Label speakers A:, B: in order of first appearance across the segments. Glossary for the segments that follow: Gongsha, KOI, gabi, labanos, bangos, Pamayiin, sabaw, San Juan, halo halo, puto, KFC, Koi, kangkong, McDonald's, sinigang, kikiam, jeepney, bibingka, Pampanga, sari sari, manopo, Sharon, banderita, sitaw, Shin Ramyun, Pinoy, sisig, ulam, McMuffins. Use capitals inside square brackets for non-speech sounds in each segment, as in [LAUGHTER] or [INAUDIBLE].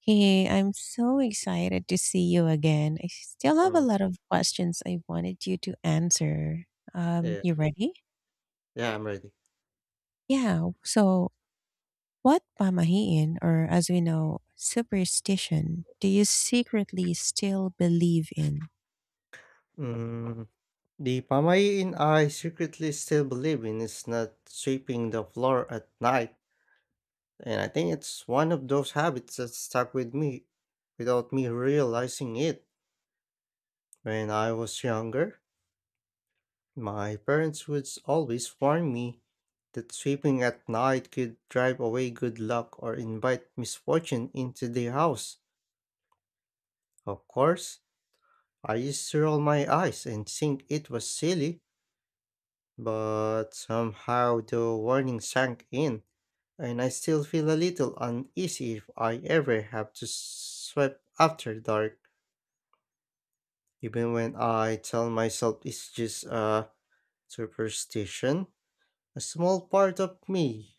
A: Hey, I'm so excited to see you again. I still have a
B: Mm,
A: lot of questions I wanted you to answer.
B: yeah.
A: You ready?
B: Yeah, I'm ready.
A: Yeah. What pamahiin, or as we know, superstition, do you secretly still believe in?
B: Mm, [LAUGHS] the Pamayiin I secretly still believe in is not sweeping the floor at night, and I think it's one of those habits that stuck with me without me realizing it. When I was younger, my parents would always warn me that sweeping at night could drive away good luck or invite misfortune into the house. Of course, I used to roll my eyes and think it was silly, but somehow the warning sank in, and I still feel a little uneasy if I ever have to sweep after dark, even when I tell myself it's just a superstition. A small part of me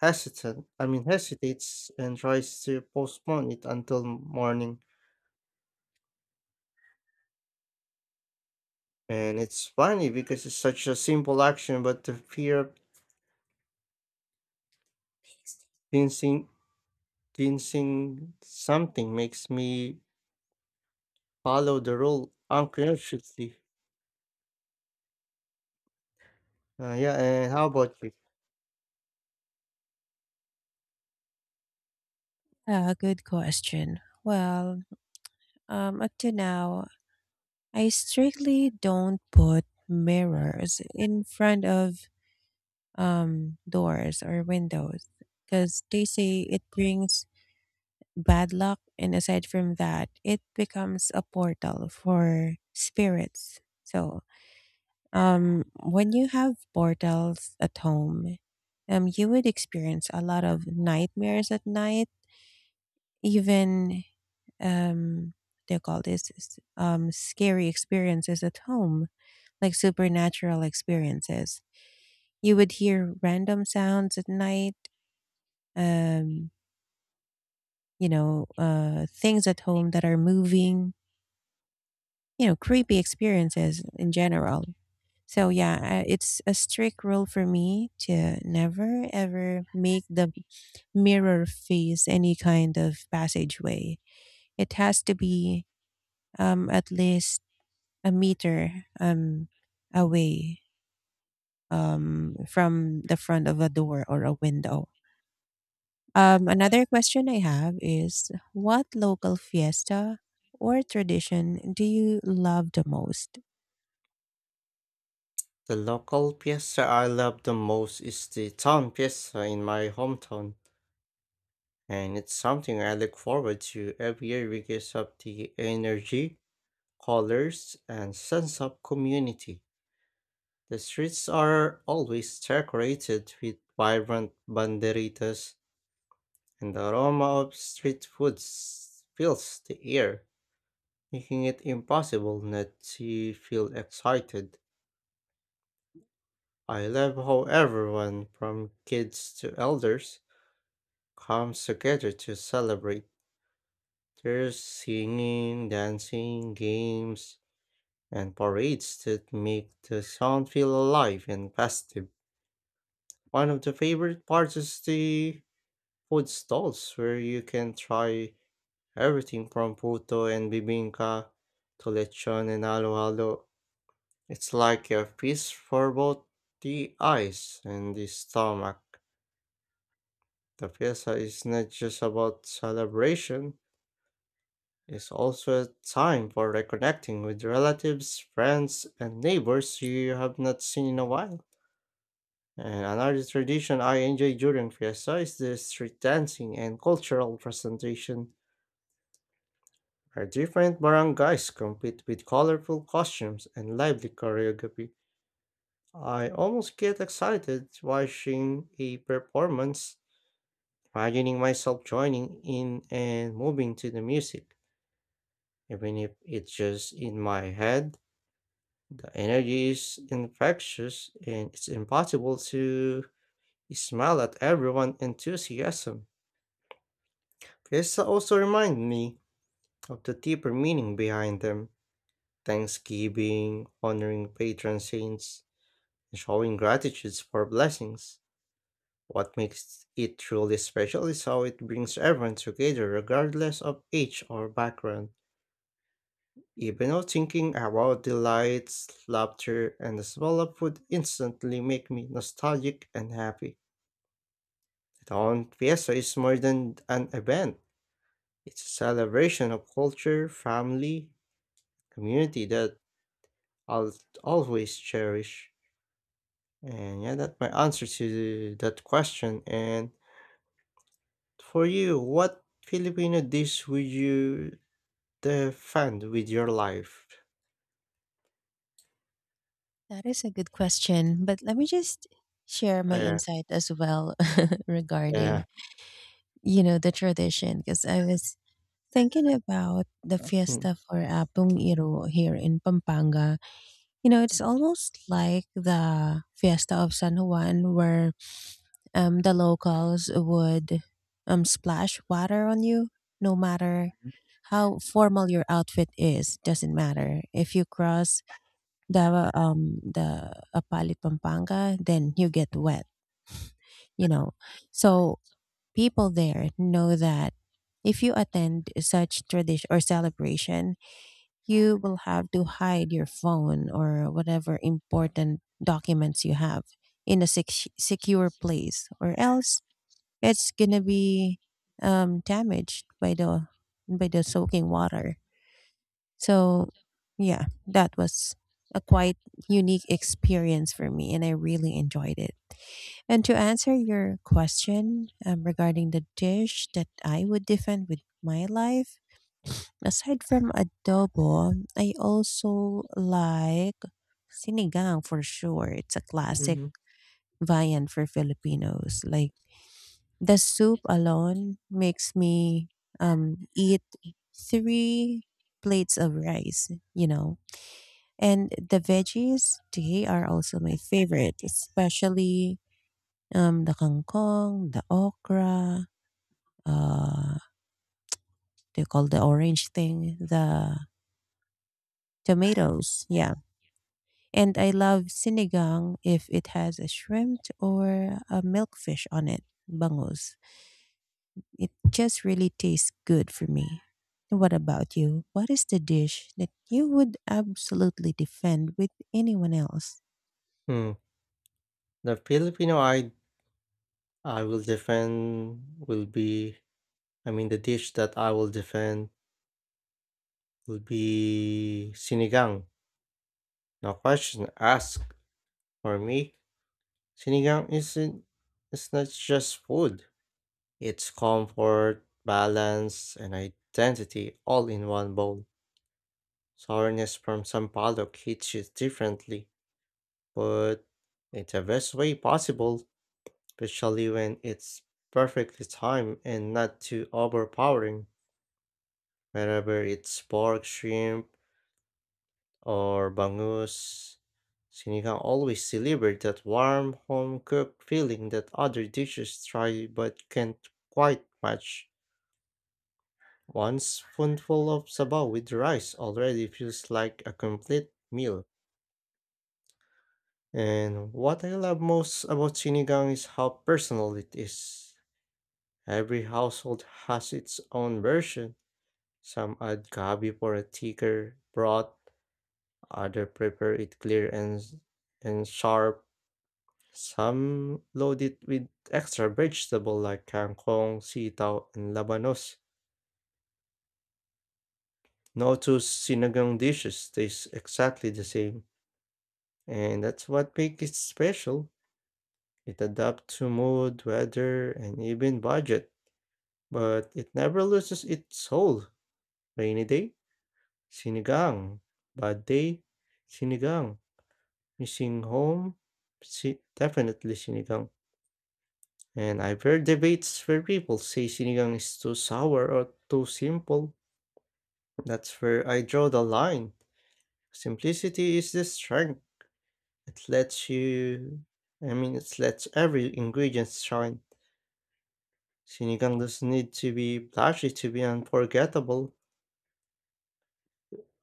B: I mean hesitates and tries to postpone it until morning. And it's funny because it's such a simple action, but the fear of jinxing, jinxing something makes me follow the rule unconsciously. Yeah, and how about you?
A: Good question. Up to now, I strictly don't put mirrors in front of doors or windows because they say it brings bad luck. And aside from that, it becomes a portal for spirits. When you have portals at home, you would experience a lot of nightmares at night, even, um, they call this, scary experiences at home, like supernatural experiences. You would hear random sounds at night, um, things at home that are moving, you know, creepy experiences in general. So yeah, it's a strict rule for me to never ever make the mirror face any kind of passageway. It has to be, at least a meter away, from the front of a door or a window. Another question I have is, what local fiesta or tradition do you love the most?
B: The local pizza I love the most is the town pizza in my hometown, and it's something I look forward to every year because of the energy, colors, and sense of community. The streets are always decorated with vibrant banderitas, and the aroma of street food fills the air, making it impossible not to feel excited. I love how everyone from kids to elders comes together to celebrate. There's singing, dancing, games, and parades that make the town feel alive and festive. One of the favorite parts is the food stalls where you can try everything from puto and bibingka to lechon and halo halo. It's like a feast for both the eyes and the stomach. The fiesta is not just about celebration, it's also a time for reconnecting with relatives, friends, and neighbors you have not seen in a while. And another tradition I enjoy during fiesta is the street dancing and cultural presentation, where different barangays compete with colorful costumes and lively choreography. I almost get excited watching a performance, imagining myself joining in and moving to the music. Even if it's just in my head, the energy is infectious and it's impossible to smile at everyone's enthusiasm. Fiesta also remind me of the deeper meaning behind them. Thanksgiving, honoring patron saints, and showing gratitude for blessings. What makes it truly special is how it brings everyone together regardless of age or background. Even though thinking about the lights, laughter, and the smell of food instantly make me nostalgic and happy. The town fiesta is more than an event. It's a celebration of culture, family, community that I'll always cherish. And yeah, that's my answer to that question. And for you, what Filipino dish would you defend with your life?
A: That is a good question, but let me just share my
B: Uh,
A: insight as well [LAUGHS] regarding,
B: yeah.
A: you know, the tradition, because I was thinking about the fiesta for Apung Iro here in Pampanga. You know, it's almost like the fiesta of San Juan where the locals would splash water on you no matter how formal your outfit is, doesn't matter. If you cross the Apalit Pampanga, then you get wet, you know. So people there know that if you attend such tradition or celebration, you will have to hide your phone or whatever important documents you have in a secure place, or else it's gonna be, damaged by the soaking water. So, yeah, that was a quite unique experience for me, and I really enjoyed it. And to answer your question, regarding the dish that I would defend with my life, aside from adobo, I also like sinigang for sure. It's a classic
B: Mm-hmm.
A: viand for Filipinos. Like the soup alone makes me, eat three plates of rice, you know, and the veggies, they are also my favorite, especially, the kangkong, the okra, uh, they call the orange thing, the tomatoes. Yeah. And I love sinigang if it has a shrimp or a milkfish on it, bangos. It just really tastes good for me. What about you? What is the dish that you would absolutely defend with anyone else?
B: Mm. The Filipino I will defend will be, I mean, the dish that I will defend will be sinigang. No question asked. For me, sinigang isn't, it's not just food. It's comfort, balance, and identity all in one bowl. Sourness from Sampaloc hits you differently, but it's the best way possible, especially when it's perfectly timed and not too overpowering. Whenever it's pork, shrimp, or bangus, sinigang always delivers that warm, home-cooked feeling that other dishes try but can't quite match. One spoonful of sabaw with rice already feels like a complete meal. And what I love most about sinigang is how personal it is. Every household has its own version. Some add gabi for a thicker broth, others prepare it clear and and sharp. Some load it with extra vegetable like kangkong, sitaw, and labanos. No two sinigang dishes taste exactly the same, and that's what makes it special. It adapts to mood, weather, and even budget, but it never loses its soul. Rainy day, sinigang. Bad day, sinigang. Missing home, definitely sinigang. And I've heard debates where people say sinigang is too sour or too simple. That's where I draw the line. Simplicity is the strength. It lets you, I mean, it lets every ingredient shine. Sinigang doesn't need to be flashy to be unforgettable.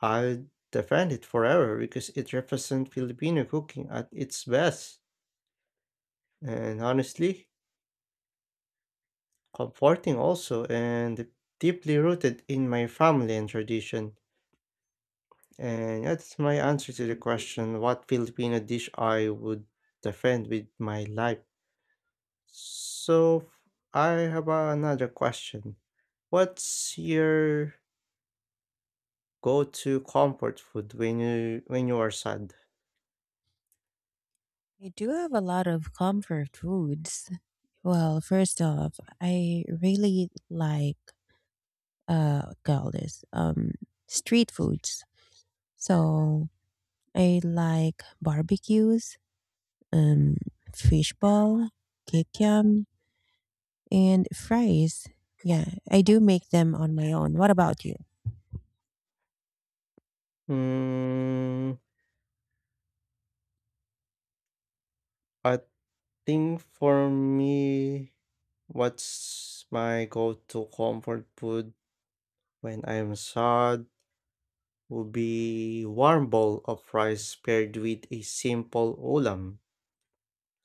B: I'll defend it forever because it represents Filipino cooking at its best. And honestly, comforting also and deeply rooted in my family and tradition. And yeah, that's my answer to the question what Filipino dish I would defend with my life. So I have another question. What's your go-to comfort food when you are sad?
A: I do have a lot of comfort foods. Well, first off, I really like, call this, street foods. So I like barbecues, um fishball, kikiam, and fries. Yeah, I do make them on my own. What about you?
B: Mm, I think for me, what's my go-to comfort food when I'm sad would be warm bowl of rice paired with a simple ulam,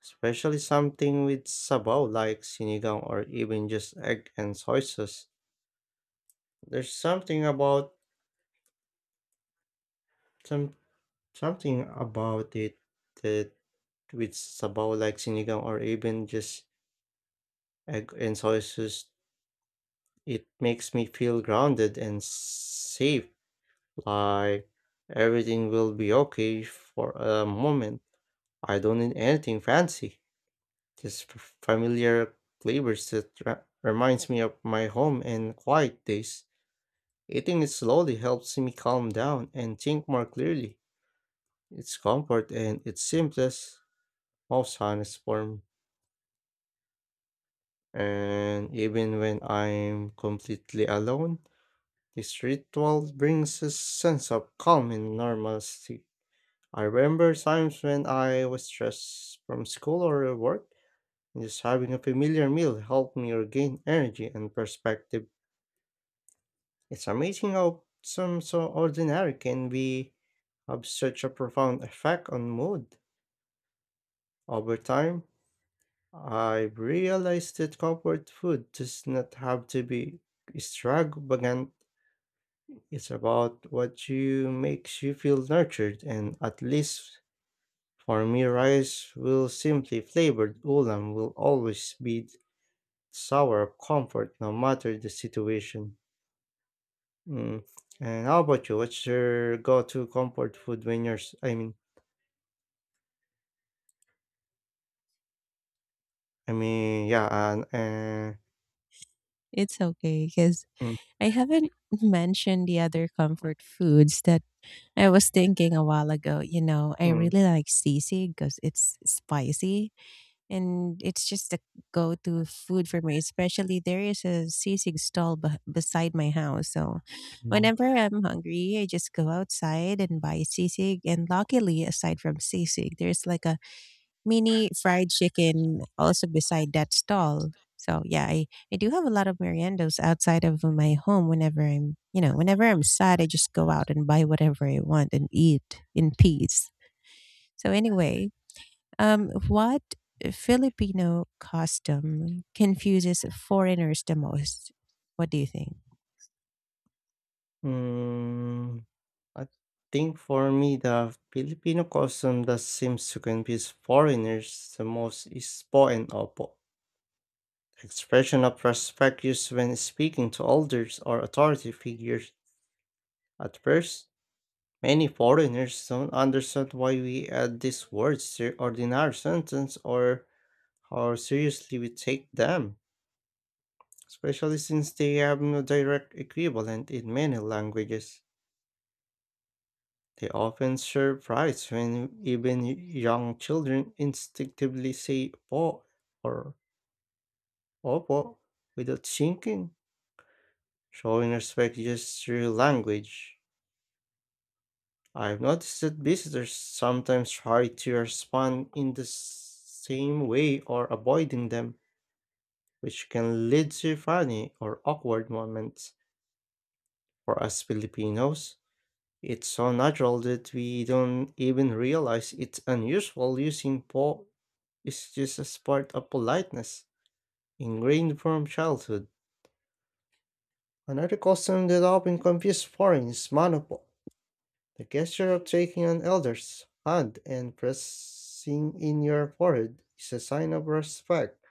B: especially something with sabaw like sinigang or even just egg and soy sauce. There's something about some something about it that with sabaw like sinigang or even just egg and soy sauce, it makes me feel grounded and safe, like everything will be okay for a moment. I don't need anything fancy, just familiar flavors that reminds me of my home and quiet days. Eating it slowly helps me calm down and think more clearly. It's comfort and its simplest, most honest form. And even when I'm completely alone, this ritual brings a sense of calm and normalcy. I remember times when I was stressed from school or work, and just having a familiar meal helped me regain energy and perspective. It's amazing how some so ordinary can be, have such a profound effect on mood. Over time, I've realized that comfort food does not have to be extravagant. It's about what you makes you feel nurtured, and at least for me, rice will simply flavored ulam will always be sour of comfort no matter the situation. Mm. And how about you? What's your go-to comfort food when you're, I mean, yeah, and,
A: It's okay because
B: mm,
A: I haven't mentioned the other comfort foods that I was thinking a while ago. You know, I
B: mm,
A: really like sisig because it's spicy, and it's just a go-to food for me, especially there is a sisig stall beside my house. So
B: mm,
A: whenever I'm hungry, I just go outside and buy sisig. And luckily, aside from sisig, there's like a mini fried chicken also beside that stall. So yeah, I do have a lot of meriendos outside of my home. Whenever I'm, you know, whenever I'm sad, I just go out and buy whatever I want and eat in peace. So anyway, what Filipino custom confuses foreigners the most? What do you think?
B: mm, I think for me, the Filipino custom that seems to confuse foreigners the most is po and opo, expression of respect used when speaking to elders or authority figures. At first, many foreigners don't understand why we add these words to ordinary sentence, or how seriously we take them, especially since they have no direct equivalent in many languages. They often surprise when even young children instinctively say po or opo without thinking, showing respect just through language. I've noticed that visitors sometimes try to respond in the same way or avoiding them, which can lead to funny or awkward moments. For us Filipinos, it's so natural that we don't even realize it's unusual, using po is just a part of politeness, ingrained from childhood. Another custom that often confuses foreigners is manopo, the gesture of taking an elder's hand and pressing in your forehead is a sign of respect.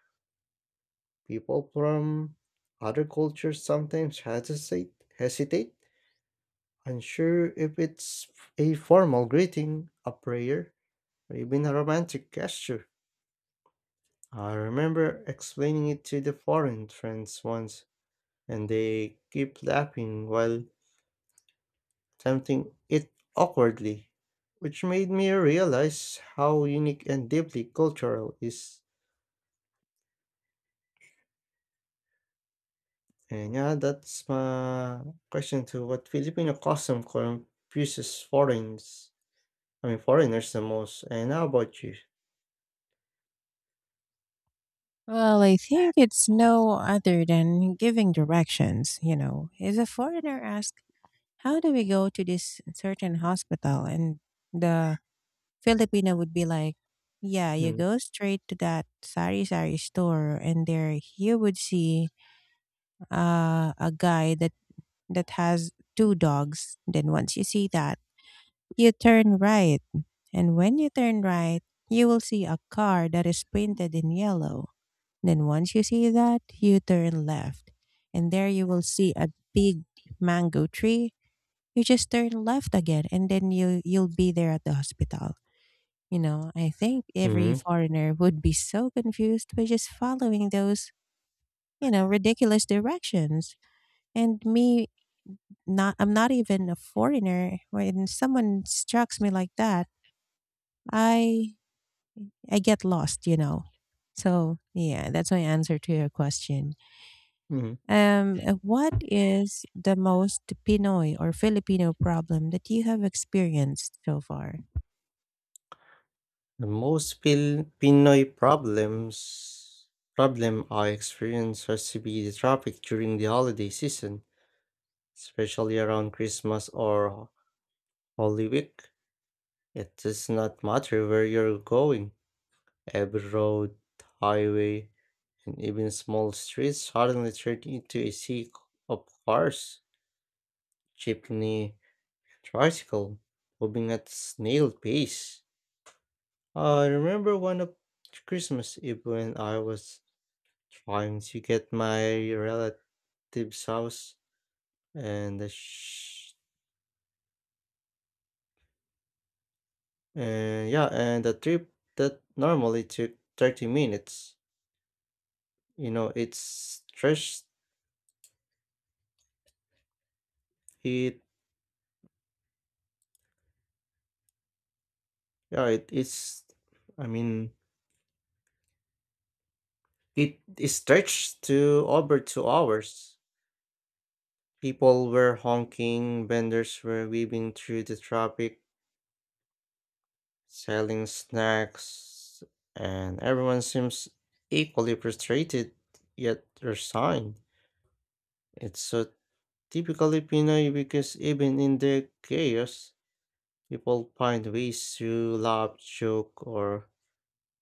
B: People from other cultures sometimes hesitate, unsure if it's a formal greeting, a prayer, or even a romantic gesture. I remember explaining it to the foreign friends once, and they kept laughing while attempting it awkwardly, which made me realize how unique and deeply cultural is. And yeah, that's my question to what Filipino custom confuses foreigners. I mean, foreigners the most. And how about you?
A: Well, I think it's no other than giving directions. You know, if a foreigner asks, how do we go to this certain hospital? And the Filipino would be like, yeah, you go straight to that sari sari store, and there you would see, a guy that has two dogs. Then once you see that, you turn right, and when you turn right, you will see a car that is painted in yellow. Then once you see that, you turn left, and there you will see a big mango tree. You just turn left again, and then you'll be there at the hospital. You know, I think every
B: Mm-hmm.
A: foreigner would be so confused by just following those, you know, ridiculous directions. And me, not I'm not even a foreigner. When someone strikes me like that, I I get lost, you know. So, yeah, that's my answer to your question. What is the most Pinoy or Filipino problem that you have experienced so far?
B: The most Pinoy problem I experience has to be the traffic during the holiday season, especially around Christmas or Holy Week. It does not matter where you're going. Every road, highway, and even small streets suddenly turn into a sea of cars, jeepney, tricycle, moving at snail pace. I remember one of Christmas Eve when I was trying to get my relative's house, and the and yeah, and the trip that normally took 30 minutes. You know, it's stretched it, yeah, it is, I mean it is stretched to over 2 hours. People were honking, vendors were weaving through the traffic, selling snacks, and everyone seems equally frustrated yet resigned. It's so typically Pinoy because even in the chaos, people find ways to laugh, joke, or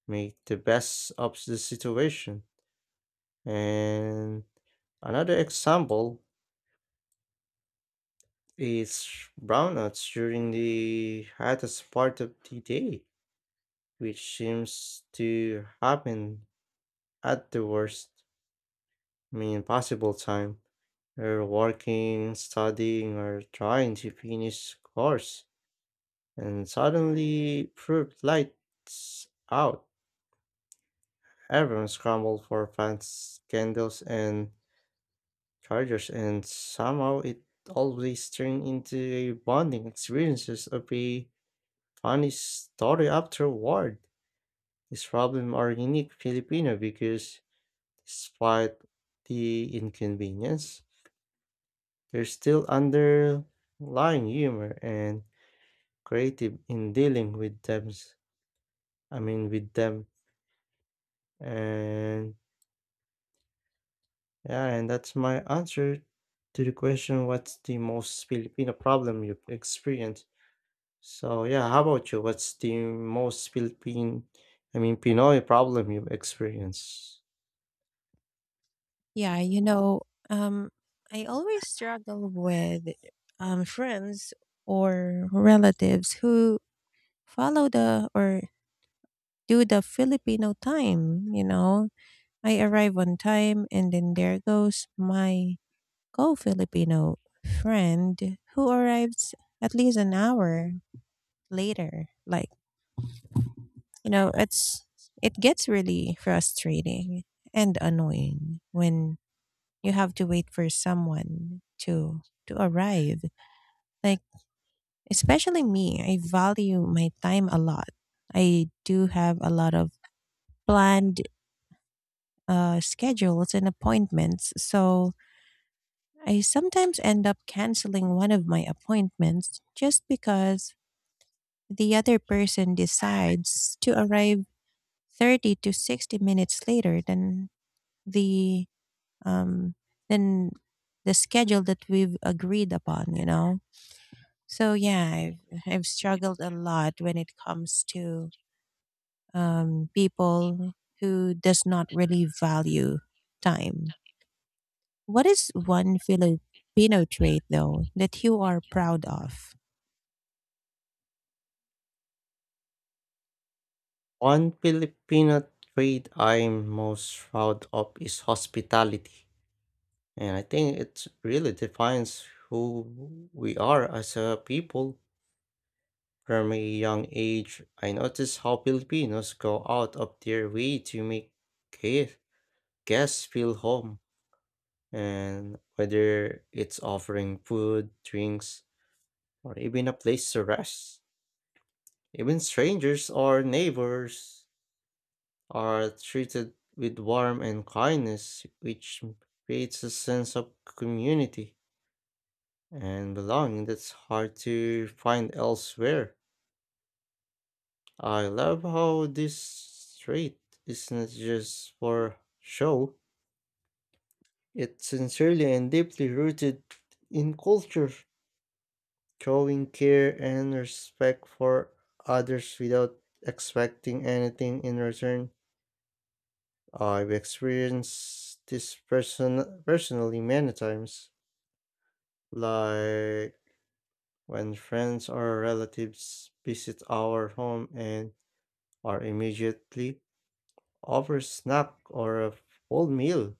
B: make the best of the situation. And another example is brownouts during the hottest part of the day, which seems to happen at the worst, I mean, possible time. You're working, studying, or trying to finish course, and suddenly, fruit lights out. Everyone scrambled for fans, candles, and chargers, and somehow it always turned into a bonding experiences of a funny story afterward. This problem are unique Filipino because despite the inconvenience, there's still underlying humor and creative in dealing with them. I mean, with them. And yeah, and that's my answer to the question, what's the most Filipino problem you've experienced? So yeah, how about you? What's the most Philippine, I mean Pinoy problem you've experienced?
A: Yeah, you know, um, I always struggle with, friends or relatives who follow the or do the Filipino time, you know. I arrive on time, and then there goes my Co Filipino friend who arrived at least an hour later. Like, you know, it gets really frustrating and annoying when you have to wait for someone to arrive. Like, especially me, I value my time a lot. I do have a lot of planned, schedules and appointments. So I sometimes end up canceling one of my appointments just because the other person decides to arrive 30 to 60 minutes later the um than the schedule that we've agreed upon, you know. So yeah, I've struggled a lot when it comes to, people who does not really value time. What is one Filipino trait though that you are proud of?
B: One Filipino trait I'm most proud of is hospitality. And I think it really defines who we are as a people. From a young age, I noticed how Filipinos go out of their way to make care, guests feel home, and whether it's offering food, drinks, or even a place to rest, even strangers or neighbors are treated with warmth and kindness, which creates a sense of community and belonging that's hard to find elsewhere. I love how this trait is not just for show, it's sincerely and deeply rooted in culture. Showing care and respect for others without expecting anything in return. I've experienced this person personally many times, like when friends or relatives visit our home and are immediately offer snack or a full meal,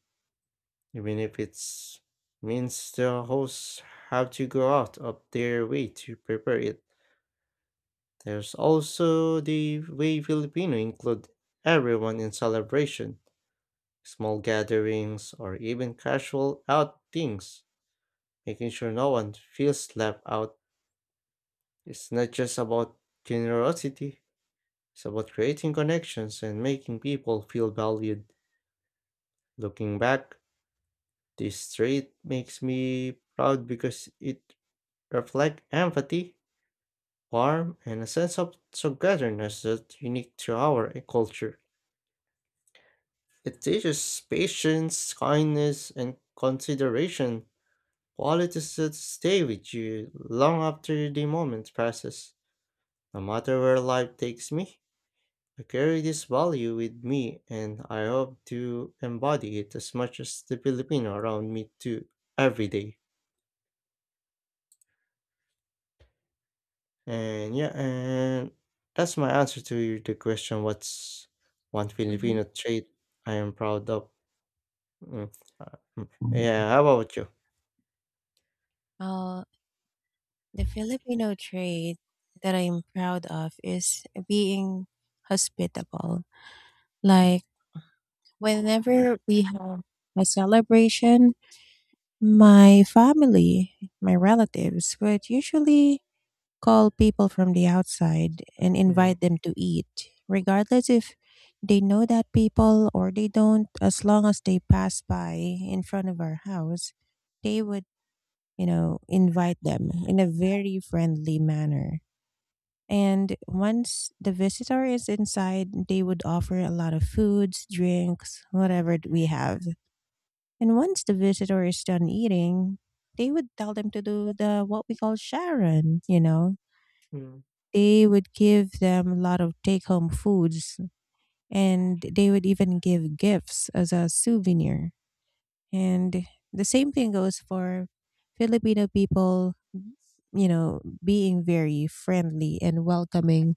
B: even if it's means the hosts have to go out of their way to prepare it. There's also the way Filipino include everyone in celebration, small gatherings, or even casual outings, making sure no one feels left out. It's not just about generosity, it's about creating connections and making people feel valued. Looking back, this trait makes me proud because it reflects empathy, warmth, and a sense of togetherness that's unique to our culture. It teaches patience, kindness, and consideration, qualities that stay with you long after the moment passes. No matter where life takes me, I carry this value with me and I hope to embody it as much as the Filipino around me do every day. And yeah, and that's my answer to the question what's one
A: Mhm.
B: Filipino trait I am proud of? Mm. uh, Yeah, how about you?
A: Uh, The Filipino trait that I'm proud of is being hospitable. Like, whenever we have a celebration, my family, my relatives would usually call people from the outside and
B: Mm.
A: invite them to eat, regardless if they know that people or they don't. As long as they pass by in front of our house, they would, you know, invite them in a very friendly manner. And once the visitor is inside, they would offer a lot of foods, drinks, whatever we have. And once the visitor is done eating, they would tell them to do the what we call Sharon, you know.
B: Mm.
A: They would give them a lot of take home foods, and they would even give gifts as a souvenir. And the same thing goes for Filipino people, you know, being very friendly and welcoming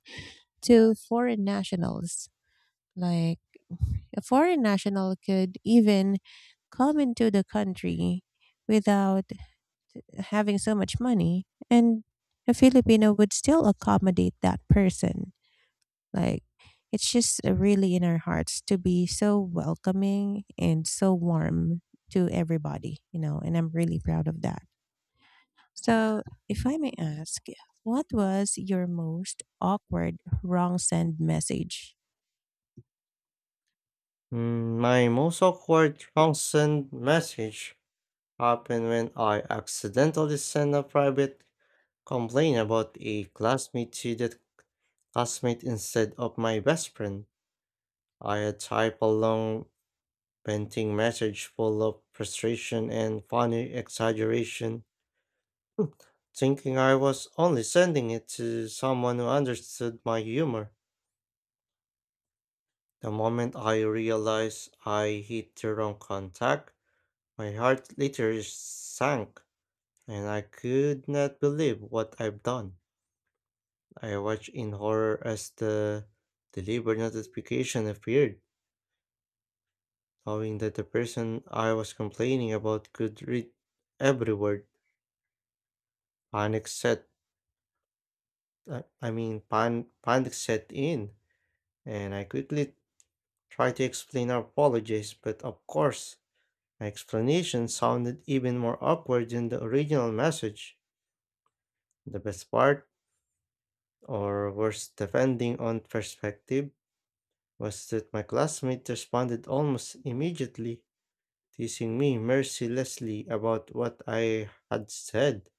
A: to foreign nationals. Like, a foreign national could even come into the country without having so much money, and a Filipino would still accommodate that person. Like, it's just, really in our hearts to be so welcoming and so warm to everybody, you know, and I'm really proud of that. So, if I may ask, what was your most awkward wrong send message?
B: My most awkward consent message happened when I accidentally sent a private complaint about a classmate to that classmate instead of my best friend. I had typed a long venting message full of frustration and funny exaggeration, thinking I was only sending it to someone who understood my humor. The moment I realized I hit the wrong contact, my heart literally sank. And I could not believe what I've done. I watched in horror as the delivery notification appeared, knowing that the person I was complaining about could read every word. Panic set, I mean, panic set in, and I quickly tried to explain or apologize, but of course, my explanation sounded even more awkward than the original message. The best part, or worse, depending on perspective, was that my classmate responded almost immediately, teasing me mercilessly about what I had said.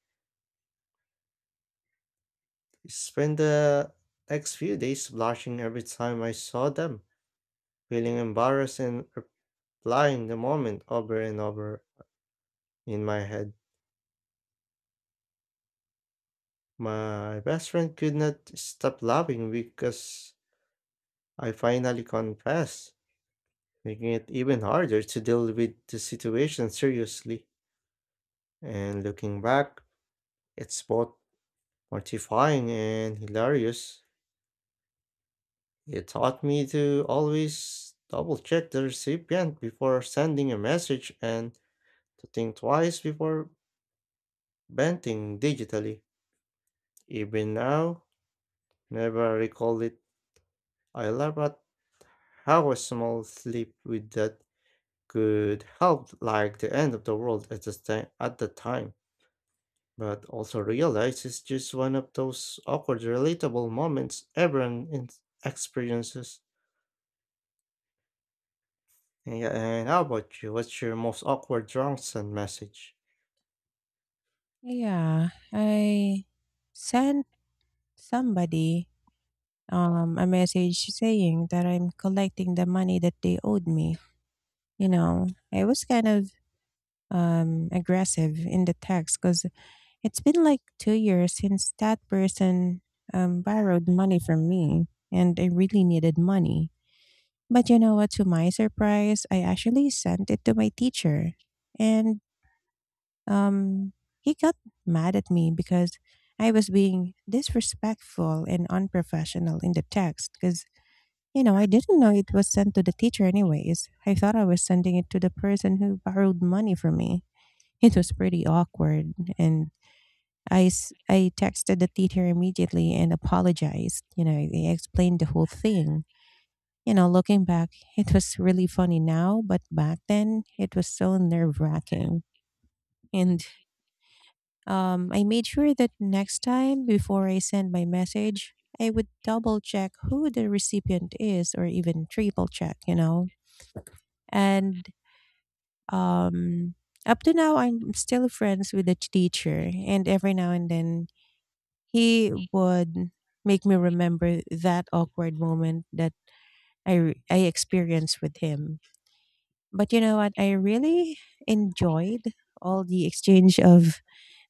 B: I spent the next few days blushing every time I saw them, feeling embarrassed and replying the moment over and over in my head. My best friend could not stop laughing because I finally confessed, making it even harder to deal with the situation seriously. And looking back, it's both mortifying and hilarious. It taught me to always double check the recipient before sending a message and to think twice before venting digitally. Even now, never recall it. I laugh at how a small slip with that could help like the end of the world at the, at the time, but also realize it's just one of those awkward, relatable moments everyone experiences. Yeah, and how about you? What's your most awkward drunk send message?
A: Yeah, I sent somebody, a message saying that I'm collecting the money that they owed me. You know, I was kind of, aggressive in the text, because it's been like 2 years since that person, borrowed money from me, and I really needed money. But you know what, to my surprise, I actually sent it to my teacher. And Um, he got mad at me because I was being disrespectful and unprofessional in the text, because, you know, I didn't know it was sent to the teacher. Anyways, I thought I was sending it to the person who borrowed money from me. It was pretty awkward. And I texted the teacher immediately and apologized. You know, I explained the whole thing. You know, looking back, it was really funny now, but back then it was so nerve wracking. And, I made sure that next time before I send my message, I would double check who the recipient is, or even triple check, you know? And, um, up to now, I'm still friends with the teacher. And every now and then, he would make me remember that awkward moment that I experienced with him. But you know what? I really enjoyed all the exchange of,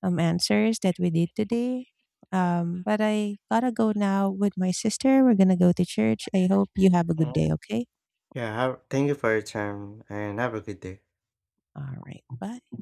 A: answers that we did today. But I gotta go now with my sister. We're gonna go to church. I hope you have a good
B: Mhm.
A: day, okay?
B: Yeah, thank you for your time and have a good day.
A: All right, bye.